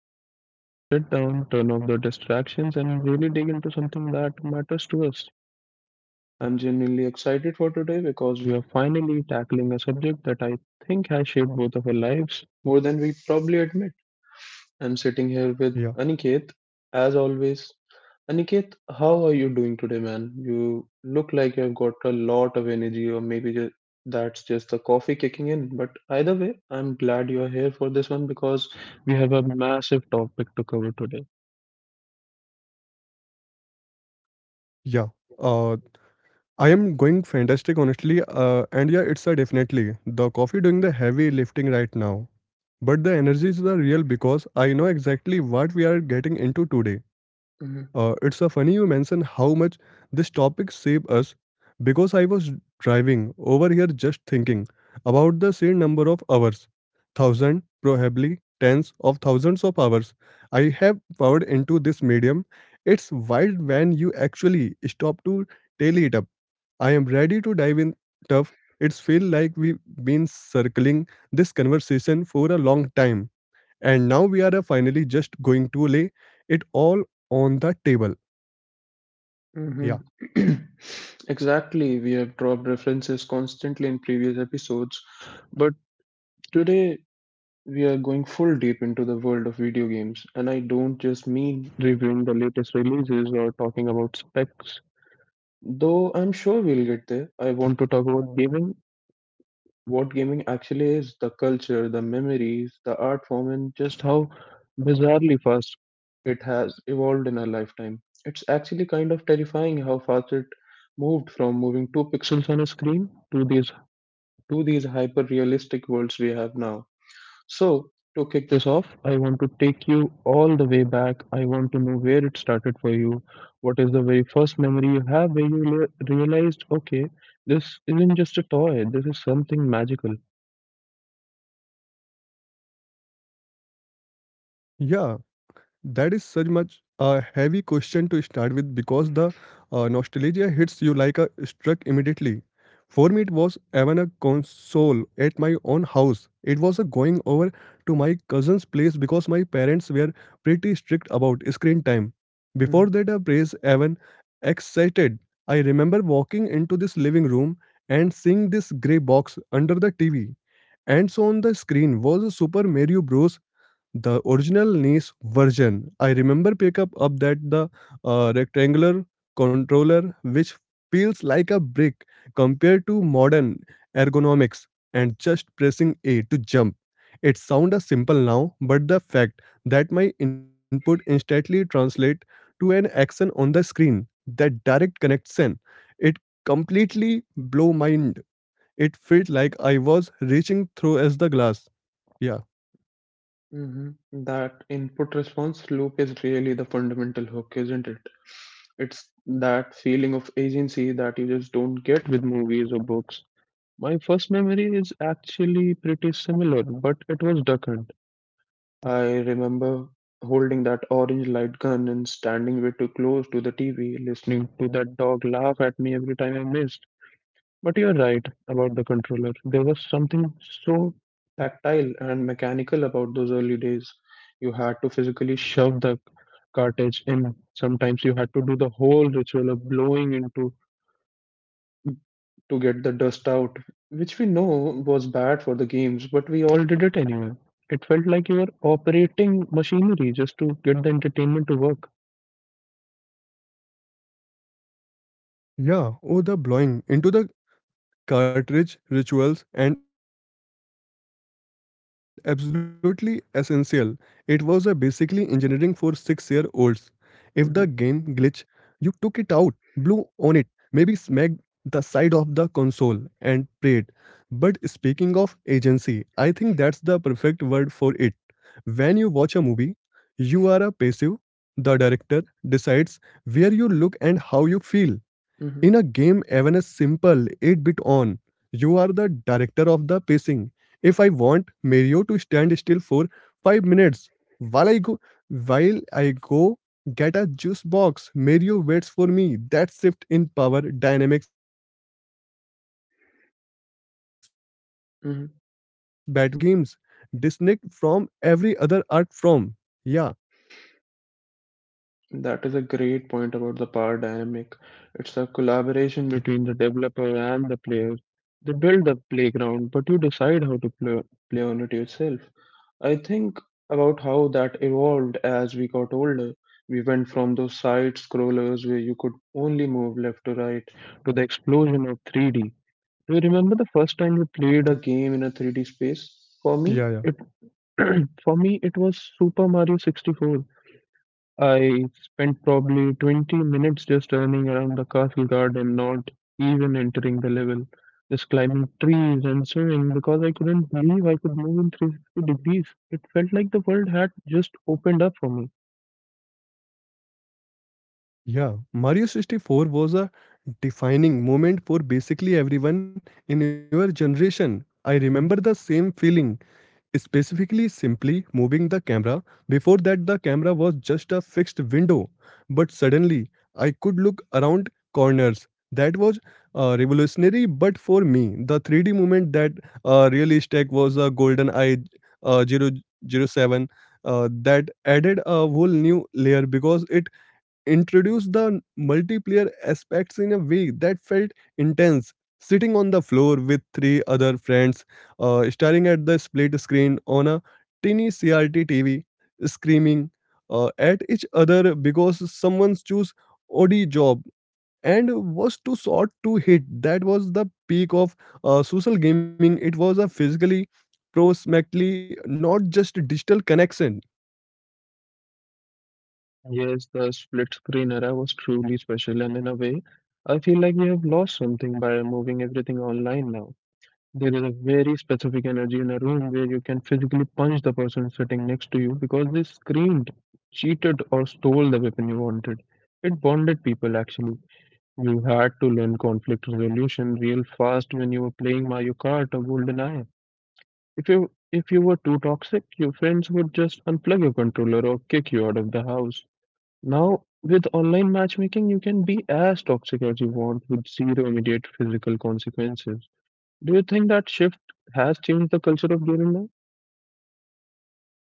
session where we just sit down, turn off the distractions, and really dig into something that matters to us. I'm genuinely excited for today because we are finally tackling a subject that I think has shaped both of our lives more than we probably admit. I'm sitting here with Yeah, Aniket, as always. Aniket, how are you doing today, man? You look like you've got a lot of energy, or maybe that's just the coffee kicking in. But either way, I'm glad you're here for this one because we have a massive topic to cover today. yeah. Uh, I am going fantastic, honestly. And yeah, it's a definitely the coffee doing the heavy lifting right now. But the energy is the real because I know exactly what we are getting into today. Mm-hmm. It's a funny you mention how much this topic saved us because I was driving over here just thinking about the sheer number of hours. Thousand, probably tens of thousands of hours I have poured into this medium. It's wild when you actually stop to tally it up. I am ready to dive in tough. It's feel like we've been circling this conversation for a long time and now we are finally just going to lay it all on the table. Yeah, Exactly. We have dropped references constantly in previous episodes, but today we are going full deep into the world of video games. And I don't just mean reviewing the latest releases or talking about specs. Though I'm sure we'll get there. I want to talk about gaming, what gaming actually is, the culture, the memories, the art form, and just how bizarrely fast it has evolved in our lifetime. It's actually kind of terrifying how fast it moved from moving two pixels on a screen to these hyper realistic worlds we have now. So, to kick this off, I want to take you all the way back. I want to know where it started for you. What is the very first memory you have where you realized, okay, this isn't just a toy, this is something magical? yeah. That is such much a heavy question to start with because the nostalgia hits you like a struck immediately. For me, it was even a console at my own house. It was a going over to my cousin's place because my parents were pretty strict about screen time. Before that, I praise even excited. I remember walking into this living room and seeing this gray box under the TV. And so on the screen was a Super Mario Bros, the original NES version. I remember pick up that the rectangular controller which feels like a brick compared to modern ergonomics, and just pressing A to jump. It sound a simple now, but the fact that my input instantly translate to an action on the screen, that direct connection, it completely blow mind. It felt like I was reaching through as the glass. Yeah. Mm-hmm. That input response loop is really the fundamental hook, isn't it? It's that feeling of agency that you just don't get with movies or books. My first memory is actually pretty similar, but it was Duck Hunt. I remember holding that orange light gun and standing way too close to the TV, listening to that dog laugh at me every time I missed. But you're right about the controller. There was something so tactile and mechanical about those early days. You had to physically shove the cartridge in. Sometimes you had to do the whole ritual of blowing into to get the dust out, which we know was bad for the games, but we all did it anyway. It felt like you were operating machinery just to get the entertainment to work. Yeah, oh, the blowing into the cartridge rituals and absolutely essential. It was a basically engineering for 6 year olds. If the game glitch, you took it out, blew Mhm, on it, maybe smacked the side of the console and prayed. But speaking of agency, I think that's the perfect word for it. When you watch a movie, you are a passive. The director decides where you look and how you feel in a game, mhm, even a simple 8 bit on, you are the director of the pacing. If I want Mario to stand still for 5 minutes while I go while I go get a juice box, Mario waits for me. That shift in power dynamics between the creator and the consumer is what mhm. makes video games distinct from every other art form. Yeah, That is a great point about the power dynamic. It's a collaboration between the developer and the player. They build the playground, but you decide how to play on it yourself. I think about how that evolved as we got older. We went from those side scrollers where you could only move left to right to the explosion of 3D. Do you remember the first time you played a game in a 3D space? For me, it yeah, yeah. for me it was Super Mario 64. I spent probably 20 minutes just turning around the castle garden, not even entering the level, just climbing trees and swimming because I couldn't believe I could move in 360 degrees. It felt like the world had just opened up for me. Yeah, Mario 64 was a defining moment for basically everyone in your generation. I remember the same feeling, specifically simply moving the camera. Before that, the camera was just a fixed window, but suddenly I could look around corners. That was revolutionary, but for me, the 3D movement that really stuck was a Golden Eye, zero zero 007, that added a whole new layer because it introduced the multiplayer aspects in a way that felt intense. Sitting on the floor with three other friends, staring at the split screen on a tiny CRT TV, screaming at each other because someone's chose odd job and was too short to hit. That was the peak of social gaming. It was a physically, prospectively, not just digital connection. Yes, the split screen era was truly special, and in a way, I feel like we have lost something by moving everything online now. There is a very specific energy in a room where you can physically punch the person sitting next to you because they screamed, cheated, or stole the weapon you wanted. It bonded people actually. You had to learn conflict resolution real fast when you were playing Mario Kart or GoldenEye. If you were too toxic, your friends would just unplug your controller or kick you out of the house. Now, with online matchmaking, you can be as toxic as you want with zero immediate physical consequences. Do you think that shift has changed the culture of gaming now?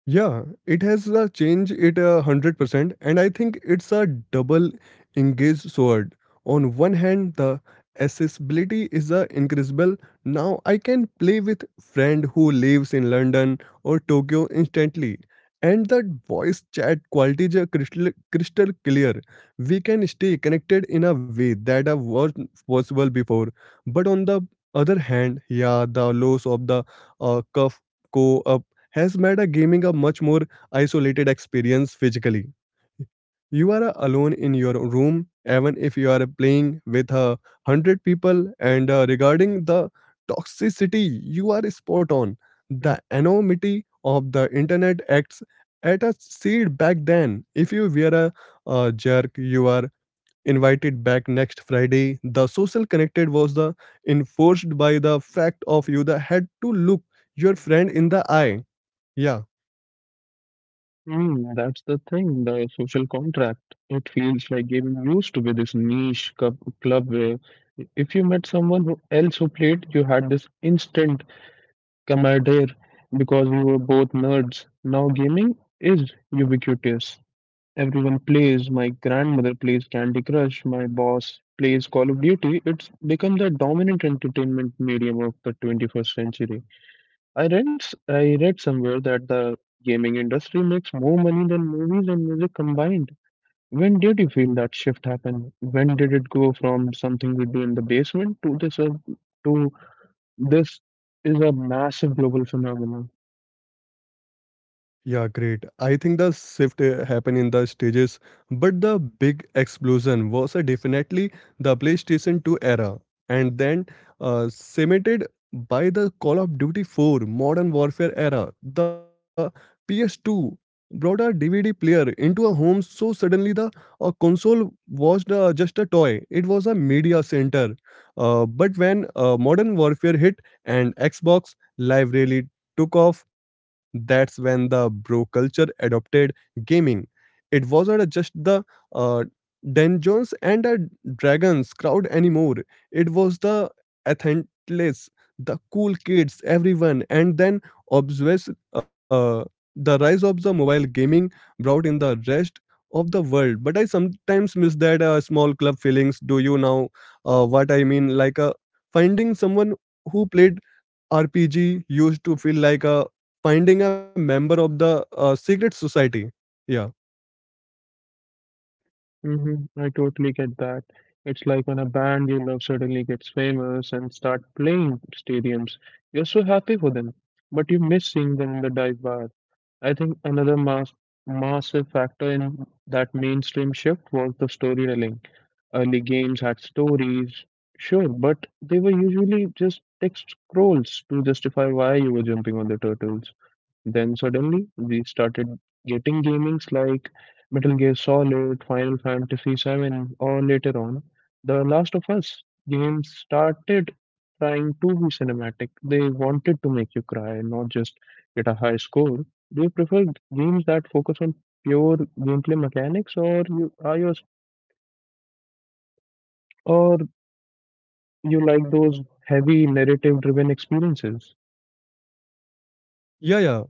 Yeah, it has changed it 100%, and I think it's a double-engaged sword. On one hand, the accessibility is incredible. Now I can play with friend who lives in London or Tokyo instantly, and that voice chat quality is crystal clear. We can stay connected in a way that wasn't possible before. But on the other hand, yeah, the loss of the cuff co-op has made a gaming a much more isolated experience physically. You are alone in your room, even if you are playing with a hundred people. And regarding the toxicity, you are spot on. The anonymity of the internet acts at a seed back then. If you were a, jerk, you are invited back next Friday. The social connected was the enforced by the fact of you that had to look your friend in the eye. Yeah. That's the thing, the social contract. It feels like gaming used to be this niche club where if you met someone who else who played, you had this instant camaraderie because we were both nerds. Now gaming is ubiquitous. Everyone plays. My grandmother plays Candy Crush. My boss plays Call of Duty. It's become the dominant entertainment medium of the 21st century. I read somewhere that the gaming industry makes more money than movies and music combined. When did you feel that shift happen? When did it go from something we do in the basement to to this is a massive global phenomenon? Yeah, great. I think the shift happened in the stages, but the big explosion was definitely the PlayStation 2 era, and then cemented by the Call of Duty 4 Modern Warfare era. The PS2 brought a DVD player into a home, so suddenly the console was just a toy. It was a media center. But when Modern Warfare hit and Xbox Live Rally took off, that's when the bro culture adopted gaming. It wasn't just the uh, Dungeons and the Dragons crowd anymore. It was the athletes, the cool kids, everyone. And then obsessed, the rise of the mobile gaming brought in the rest of the world. But I sometimes miss that small club feelings. Do you know what I mean? Like finding someone who played RPG used to feel like a finding a member of the secret society. Yeah. hmm I totally get that. It's like when a band you love suddenly gets famous and start playing stadiums. You're so happy for them, but you miss seeing them in the dive bar. I think another massive factor in that mainstream shift was the storytelling. Early games had stories, sure, but they were usually just text scrolls to justify why you were jumping on the turtles. Then suddenly we started getting gamings like Metal Gear Solid, Final Fantasy VII, or later on, The Last of Us. Games started trying to be cinematic. They wanted to make you cry, not just get a high score. They preferred games that focus on pure gameplay mechanics, or you like those heavy narrative-driven experiences?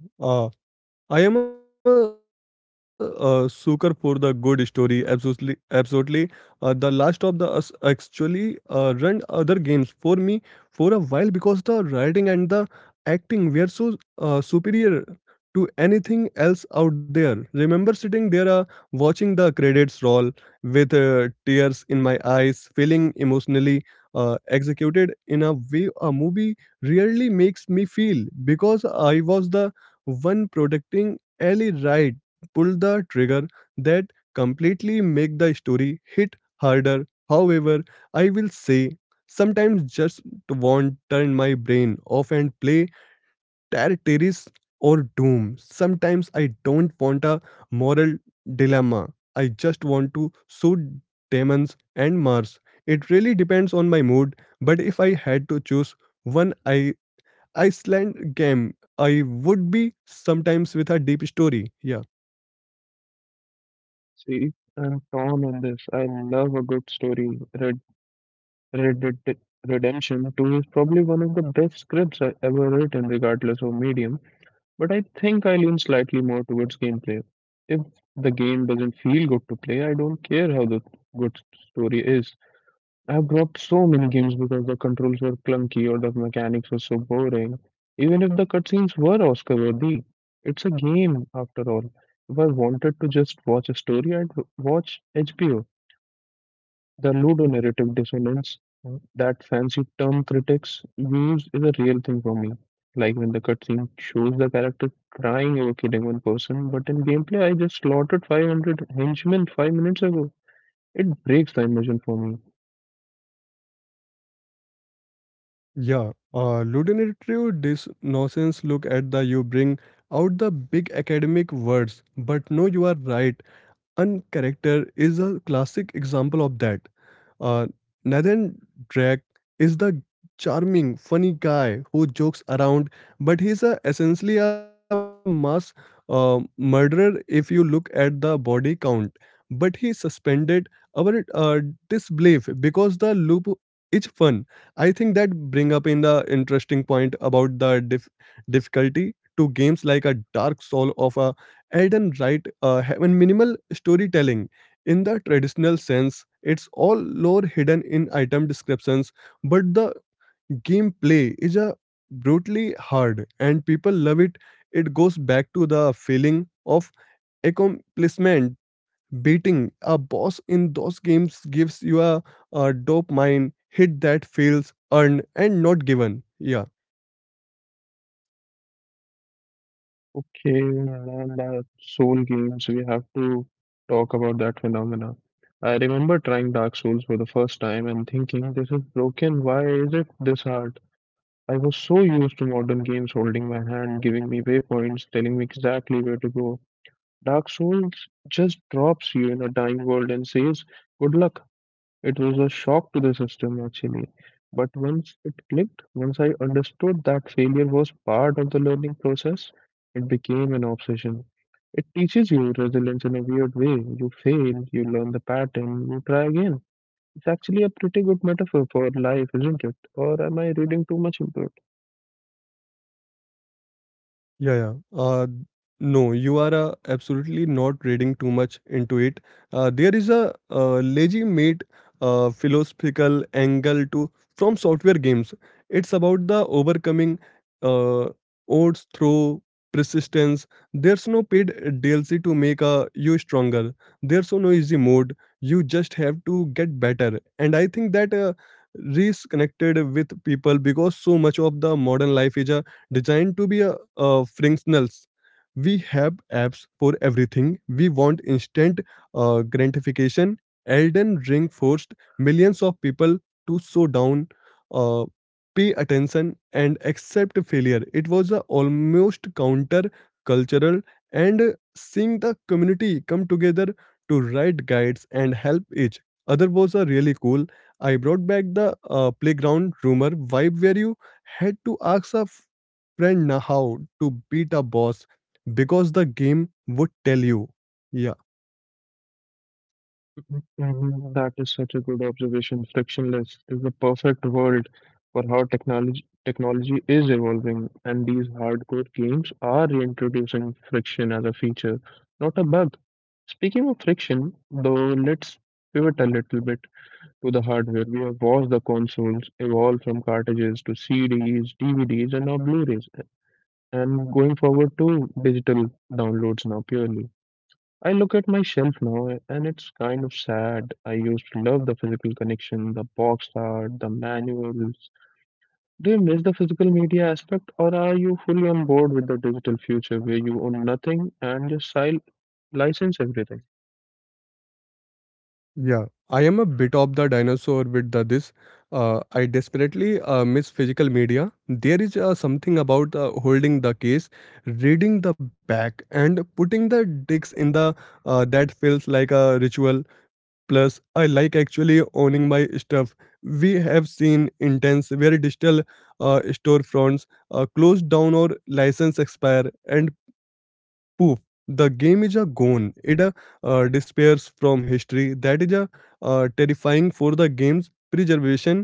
Yeah, yeah. Uh, I am a, sucker for the good story. Absolutely, absolutely. The Last of the Us actually run other games for me for a while because the writing and the acting were so superior to anything else out there. Remember sitting there watching the credits roll with tears in my eyes, feeling emotionally executed in a way a movie really makes me feel because I was the one protecting Ellie Wright pulled the trigger that completely make the story hit harder. However, I will say sometimes just want turn my brain off and play Terraris or Doom. Sometimes I don't want a moral dilemma. I just want to shoot demons and Mars. It really depends on my mood, but if I had to choose one, I Iceland game. I would be sometimes with a deep story. Yeah. See, I'm torn on this. I love a good story. Red Dead Redemption 2 is probably one of the best scripts I ever written, regardless of medium, but I think I lean slightly more towards gameplay. If the game doesn't feel good to play, I don't care how the good story is. I've dropped so many games because the controls were clunky or the mechanics were so boring, even if the cutscenes were Oscar worthy. It's a game, after all. If I wanted to just watch a story, I'd watch HBO. The ludonarrative dissonance, that fancy term critics use, is a real thing for me. Like when the cutscene shows the character crying over killing one person, but in gameplay I just slaughtered 500 henchmen 5 minutes ago. It breaks the immersion for me. Yeah. Ludinatrio this nonsense look at the you bring out the big academic words. But no, you are right. Uncharacter is a classic example of that. Uh, Nathan Drake is the charming, funny guy who jokes around, but he's a, essentially a mass murderer if you look at the body count. But he suspended our disbelief because the loop is fun. I think that bring up in the interesting point about the difficulty to games like a Dark Soul of a Elden Right have a minimal storytelling in the traditional sense, it's all lore hidden in item descriptions, but the gameplay is a brutally hard and people love it. It goes back to the feeling of accomplishment. Beating a boss in those games gives you a dopamine hit that feels earned and not given. Yeah. Okay, and soul games, we have to talk about that phenomena. I remember trying Dark Souls for the first time and thinking, this is broken, why is it this hard? I was so used to modern games holding my hand, giving me waypoints, telling me exactly where to go. Dark Souls just drops you in a dying world and says, "Good luck." It was a shock to the system, actually. But once it clicked, once I understood that failure was part of the learning process, it became an obsession. It teaches you resilience in a weird way. You fail, you learn the pattern, you try again. It's actually a pretty good metaphor for life, isn't it? Or am I reading too much into it? Yeah, yeah. Uh, no, you are absolutely not reading too much into it. There is a lazy made philosophical angle to from software games. It's about the overcoming uh, odds through persistence. There's no paid DLC to make you stronger. There's no easy mode. You just have to get better. And I think that Reese connected with people because so much of the modern life is a designed to be a frictionless. We have apps for everything. We want instant gratification. Elden Ring forced millions of people to slow down, uh, pay attention, and accept failure. It was a almost counter-cultural, and seeing the community come together to write guides and help each other was a really cool. I brought back the playground rumor vibe where you had to ask a friend how to beat a boss because the game would tell you. Yeah, Mhm, that is such a good observation. Frictionless is the perfect world for how technology is evolving, and these hardcore games are reintroducing friction as a feature, not a bug. Speaking of friction, though, let's pivot a little bit to the hardware. We have watched the consoles evolve from cartridges to CDs, DVDs, and now Blu-rays, and going forward to digital downloads now purely. I look at my shelf now and it's kind of sad. I used to love the physical connection, the box art, the manuals. Do you miss the physical media aspect or are you fully on board with the digital future where you own nothing and just license everything? yeah. I am a bit of the dinosaur with the, this. I desperately miss physical media. There is something about holding the case, reading the back, and putting the dicks in the that feels like a ritual. Plus, I like actually owning my stuff. We have seen intense, very digital storefronts closed down or license expire, and poof, the game is a gone. It disappears from history. That is a terrifying for the game's preservation.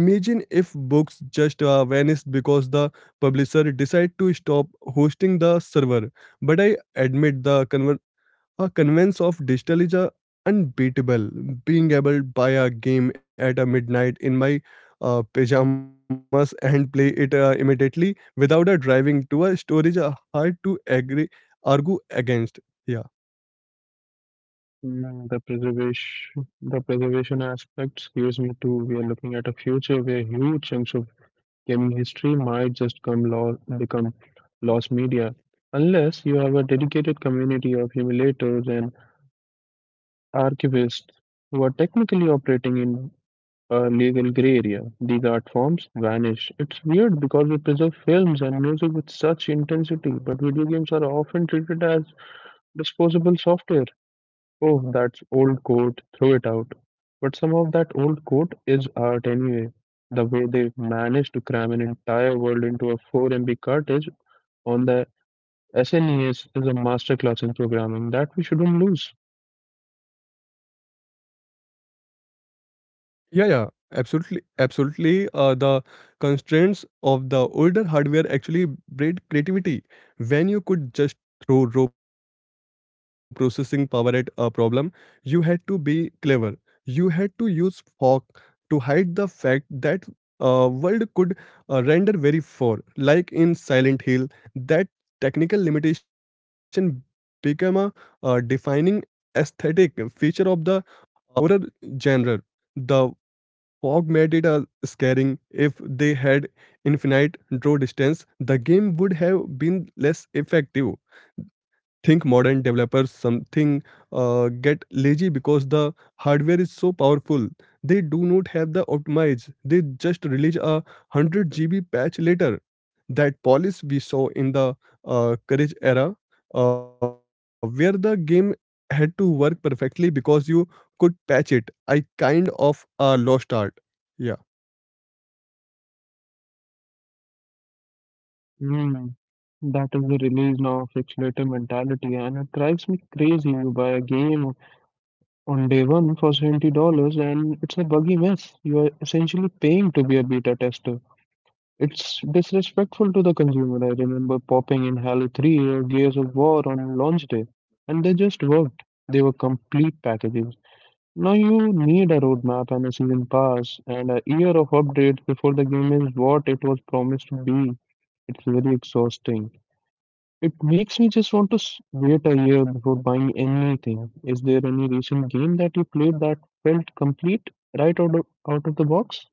Imagine if books just vanished because the publisher decide to stop hosting the server. But I admit the a convenience of digital is unbeatable. Being able to buy a game at a midnight in my pajamas and play it immediately without a driving to a store is hard to agree argue against. Yeah. The preservation aspect scares me too. We are looking at a future where huge chunks of gaming history might just become lost media unless you have a dedicated community of emulators and archivists who are technically operating in a legal gray area. These art forms vanish. It's weird because we preserve films and music with such intensity, but video games are often treated as disposable software. Oh, that's old code, throw it out. But some of that old code is art anyway. The way they managed to cram an entire world into a 4 MB cartridge on the SNES is a masterclass in programming that we shouldn't lose. Yeah, yeah, absolutely, absolutely. The constraints of the older hardware actually bred creativity. When you could just throw raw processing power at a problem, you had to be clever. You had to use fog to hide the fact that world could render very far. Like in Silent Hill, that technical limitation became a defining aesthetic feature of the horror genre. The Fog made it scaring. If they had infinite draw distance, the game would have been less effective think modern developers something get lazy because the hardware is so powerful they do not have the optimize they just release a 100 GB patch later that polish we saw in the courage era where the game had to work perfectly because you could patch it I kind of lost art. Yeah. Hmm. That is the release of accelerator mentality, and it drives me crazy. You buy a game on day one for $70 and it's a buggy mess. You are essentially paying to be a beta tester. It's disrespectful to the consumer. I remember popping in Halo 3 or Gears of War on launch day, and they just worked. They were complete packages. Now you need a roadmap and a season pass and a year of updates before the game is what it was promised to be. It's very exhausting. It makes me just want to wait a year before buying anything. Is there any recent game that you played that felt complete right out of the box?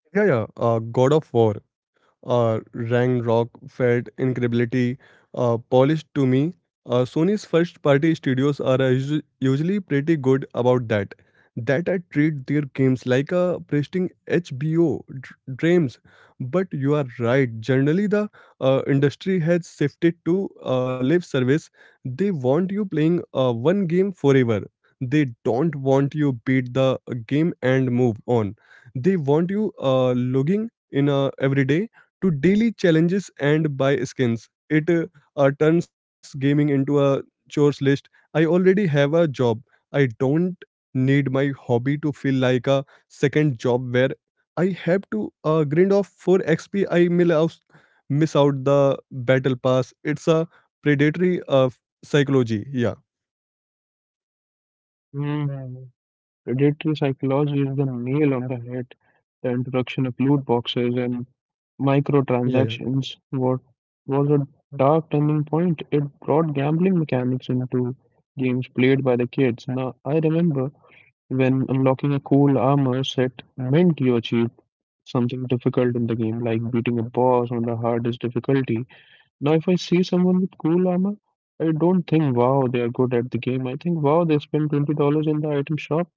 Yeah God of War rang rock, felt incredibility polished to me. Sony's first party studios are usually pretty good about that. That I treat their games like a pristine HBO dreams. But you are right, generally, the industry has shifted to live service. They want you playing one game forever. They don't want you beat the game and move on. They want you logging in every day to daily challenges and buy skins. It turns gaming into a chores list. I already have a job. I don't need my hobby to feel like a second job where I have to grind off for XP. I mill out, miss out the battle pass. It's a predatory psychology. Yeah, Mm. Predatory psychology is the nail on the head. The introduction of loot boxes and yeah, yeah, microtransactions what was a dark turning point. It brought gambling mechanics into games played by the kids. Now I remember when unlocking a cool armor set meant you achieved something difficult in the game, like beating a boss on the hardest difficulty. Now, if I see someone with cool armor, I don't think, wow, they are good at the game. I think, wow, they spent $20 in the item shop.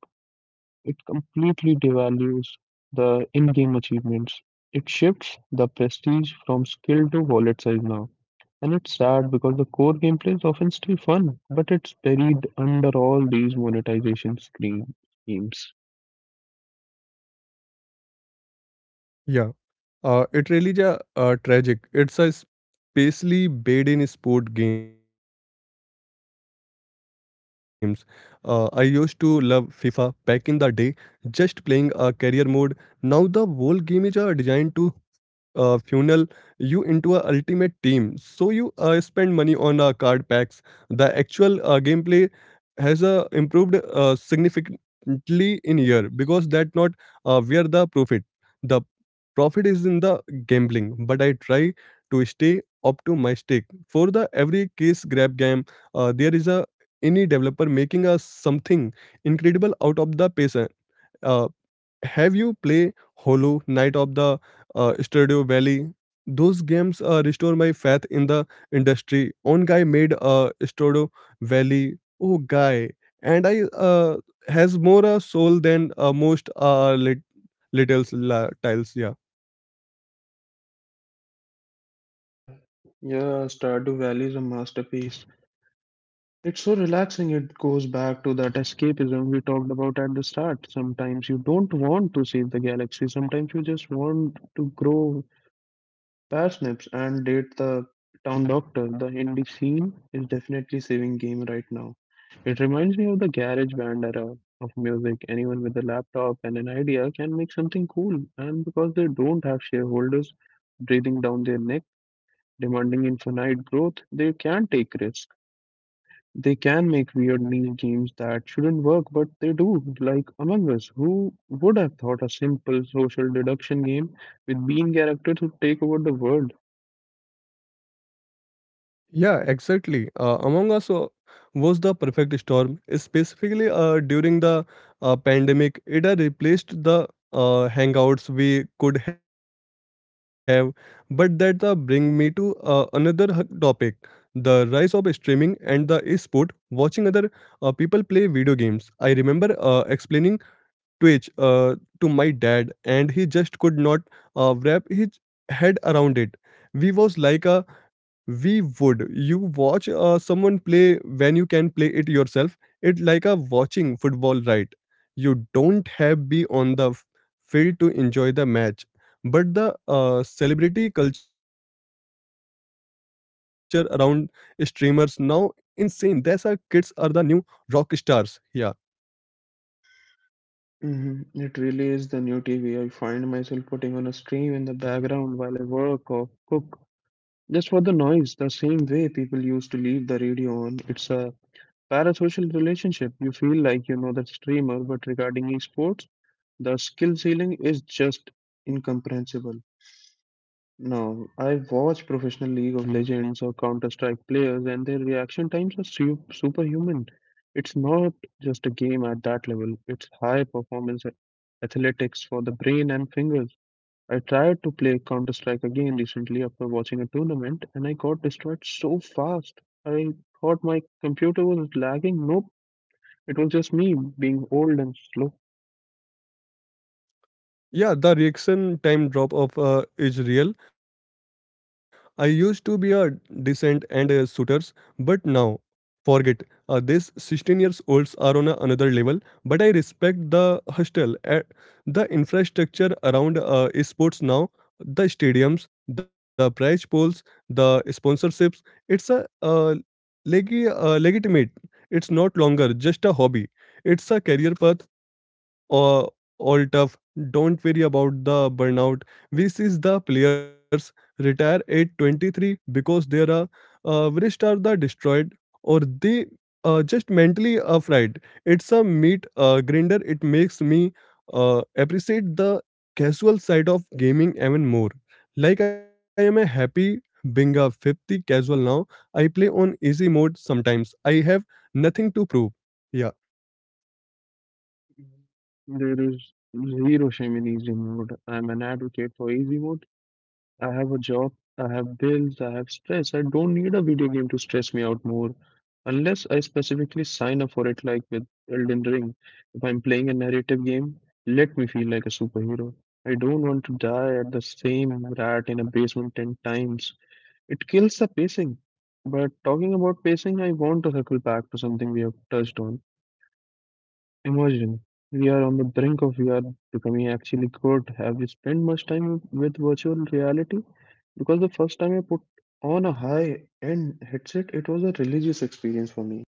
It completely devalues the in game achievements. It shifts the prestige from skill to wallet size now. And it's sad because the core gameplay is often still fun, but it's buried under all these monetization screen schemes. yeah. It really ja, tragic. It's a especially bad in sport games. I used to love FIFA back in the day, just playing a career mode. Now the whole game is designed to funnel you into a ultimate team. So you spend money on card packs. The actual gameplay has improved significantly in year because that not where the profit. The profit is in the gambling, but I try to stay optimistic. For the every case grab game, there is a any developer making a something incredible out of the patient uh, have you play Hollow Knight of the Stardew Valley? Those games restore my faith in the industry. One guy made Stardew Valley. Oh, guy, and I has more soul than most little tiles. Yeah. Yeah, Stardew Valley is a masterpiece. It's so relaxing, it goes back to that escapism we talked about at the start. Sometimes you don't want to save the galaxy, sometimes you just want to grow parsnips and date the town doctor. The indie scene is definitely saving game right now. It reminds me of the garage band era of music. Anyone with a laptop and an idea can make something cool, and because they don't have shareholders breathing down their neck, demanding infinite growth, they can take risks. They can make weird niche games that shouldn't work, but they do, like Among Us. Who would have thought a simple social deduction game with bean characters would take over the world? Yeah, exactly. Among Us was the perfect storm. Specifically, during the pandemic, it had replaced the hangouts we could have. But that bring me to another topic: the rise of streaming and the e-sport. Watching other people play video games. I remember explaining Twitch to my dad, and he just could not wrap his head around it. We was like a we would you watch someone play when you can play it yourself, it like a watching football, right? You don't have be on the field to enjoy the match, but the celebrity culture around streamers now insane. That's our kids are the new rock stars. Yeah. It really is the new TV. I find myself putting on a stream in the background while I work or cook, just for the noise, the same way people used to leave the radio on. It's a parasocial relationship. You feel like you know the streamer, but regarding esports, the skill ceiling is just incomprehensible. Now, I watch professional League of Legends or Counter Strike players, and their reaction times are superhuman. It's not just a game at that level, it's high performance athletics for the brain and fingers. I tried to play Counter Strike again recently after watching a tournament, and I got destroyed so fast. I thought my computer was lagging. Nope, it was just me being old and slow. Yeah, the reaction time drop of is real. I used to be a decent and shooters, but now forget. These 16 years olds are on a, another level, but I respect the hostel. At the infrastructure around esports now, the stadiums, the prize pools, the sponsorships, it's legitimate. It's not longer just a hobby. It's a career path uh, all tough. Don't worry about the burnout. We see the players retire at 23 because their wrists are the destroyed or they just mentally afraid. It's a meat grinder. It makes me appreciate the casual side of gaming even more. Like I am a happy being 50 casual now. I play on easy mode sometimes. I have nothing to prove. Yeah. There is zero shame in easy mode. I'm an advocate for easy mode. I have a job, I have bills, I have stress. I don't need a video game to stress me out more. Unless I specifically sign up for it, like with Elden Ring. If I'm playing a narrative game, let me feel like a superhero. I don't want to die at the same rat in a basement 10 times. It kills the pacing. But talking about pacing, I want to circle back to something we have touched on. Imagine we are on the brink of VR becoming actually good. Have you spent much time with virtual reality? Because the first time I put on a high end headset, it was a religious experience for me.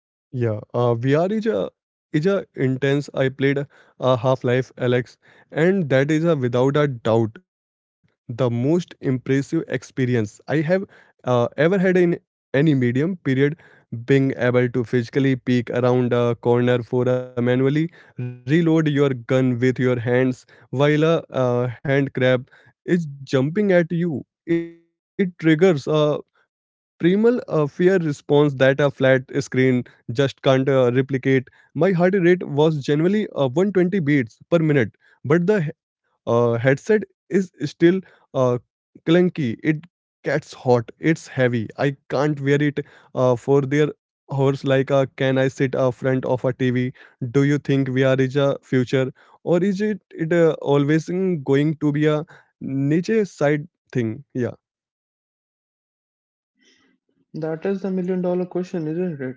Yeah, VR is a intense. I played Half Life Alex, and that is a without a doubt the most impressive experience I have ever had in any medium. Period. Being able to physically peek around a corner for a manually reload your gun with your hands while a hand crab is jumping at you. It triggers a primal fear response that a flat screen just can't replicate. My heart rate was generally 120 beats per minute, but the headset is still uh, clunky. It gets hot. It's heavy. I can't wear it for their hours like can I sit front of a TV? Do you think VR is a future or is it always going to be a niche side thing? Yeah. That is the million dollar question, isn't it?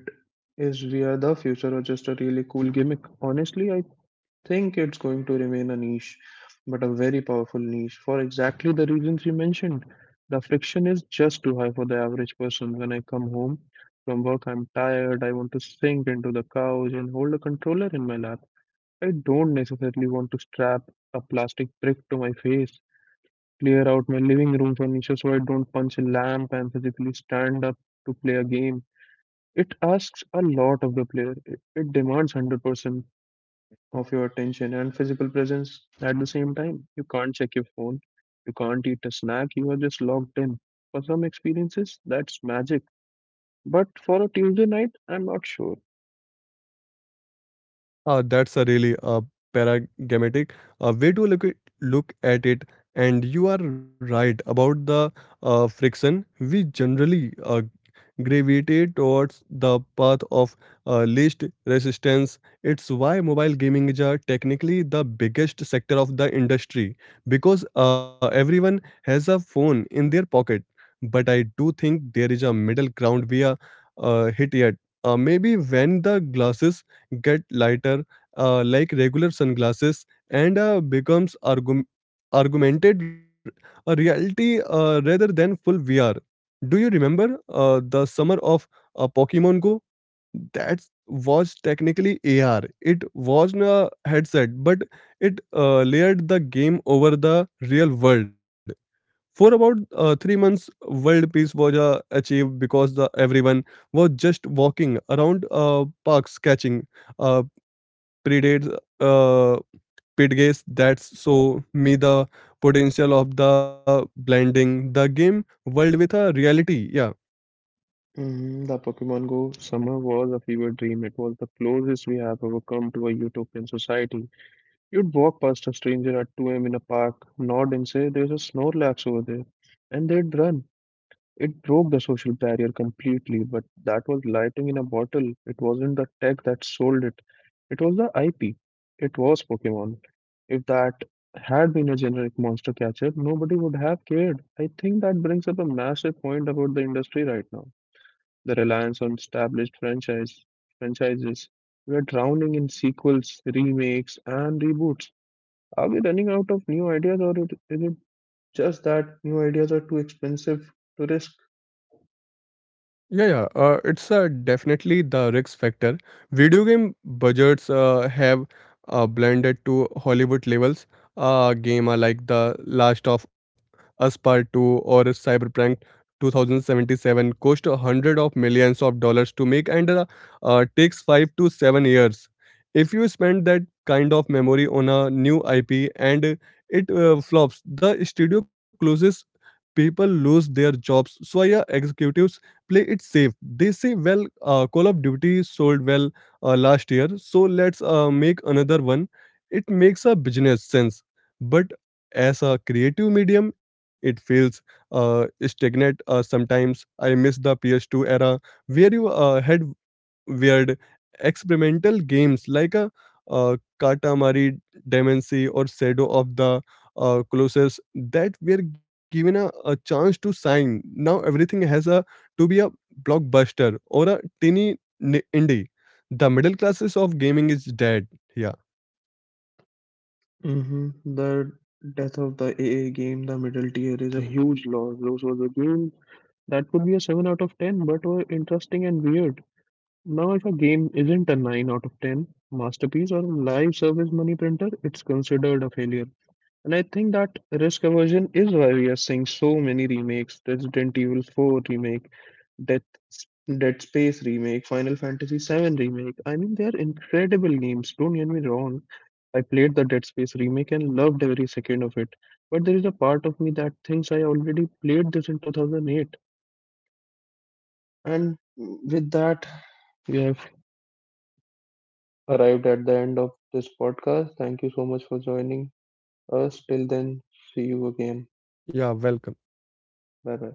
Is VR the future or just a really cool gimmick? Honestly, I think it's going to remain a niche, but a very powerful niche for exactly the reasons you mentioned. The friction is just too high for the average person. When I come home from work, I'm tired. I want to sink into the couch and hold a controller in my lap. I don't necessarily want to strap a plastic brick to my face, clear out my living room furniture so I don't punch a lamp and physically stand up to play a game. It asks a lot of the player. It demands 100% of your attention and physical presence at the same time. You can't check your phone, you can't eat a snack, you are just locked in. For some experiences, that's magic. But for a Tuesday night, I'm not sure. That's a really paradigmatic way to look at it. And you are right about the friction. We generally gravitate towards the path of least resistance. It's why mobile gaming is technically the biggest sector of the industry because everyone has a phone in their pocket. But I do think there is a middle ground we are hit yet. Maybe when the glasses get lighter, like regular sunglasses, and becomes argumented a reality rather than full VR. Do you remember the summer of Pokemon Go? That was technically AR. It was a headset, but it layered the game over the real world. For about 3 months, world peace was achieved because the, everyone was just walking around parks catching uh, predates, uh, pitgays. That's so me the potential of the blending the game world with a reality. Yeah. Mm, the Pokemon Go summer was a fever dream. It was the closest we have ever come to a utopian society. You'd walk past a stranger at 2 a.m. in a park, nod and say, "There's a Snorlax over there." And they'd run. It broke the social barrier completely, but that was lighting in a bottle. It wasn't the tech that sold it, it was the IP. It was Pokemon. If that had been a generic monster catcher, nobody would have cared. I think that brings up a massive point about the industry right now: the reliance on established franchises. We are drowning in sequels, remakes, and reboots. Are we running out of new ideas, or is it just that new ideas are too expensive to risk? Yeah. It's definitely the risk factor. Video game budgets have blended to Hollywood levels. Game are like The Last of Us Part 2 or Cyberpunk 2077 cost a hundred of millions of dollars to make and takes 5 to 7 years. If you spend that kind of memory on a new IP and it flops, the studio closes, people lose their jobs. So, yeah, executives play it safe. They say, well, Call of Duty sold well last year, so let's make another one. It makes a business sense, but as a creative medium, it feels stagnant sometimes. I miss the PS2 era where you had weird experimental games like a Katamari Damacy or Shadow of the Colossus that were given a chance to shine. Now everything has a to be a blockbuster or a teeny indie. The middle classes of gaming is dead. Yeah, The death of the AA game, the middle tier, is a huge loss. This was a game that could be a 7 out of 10, but were interesting and weird. Now, if a game isn't a 9 out of 10 masterpiece or live service money printer, it's considered a failure. And I think that risk aversion is why we are seeing so many remakes: Resident Evil 4 remake, Death, Dead Space remake, Final Fantasy VII remake. I mean, they are incredible games. Don't get me wrong. I played the Dead Space remake and loved every second of it. But there is a part of me that thinks I already played this in 2008. And with that, we have arrived at the end of this podcast. Thank you so much for joining us. Till then, see you again. yeah, welcome. Bye bye.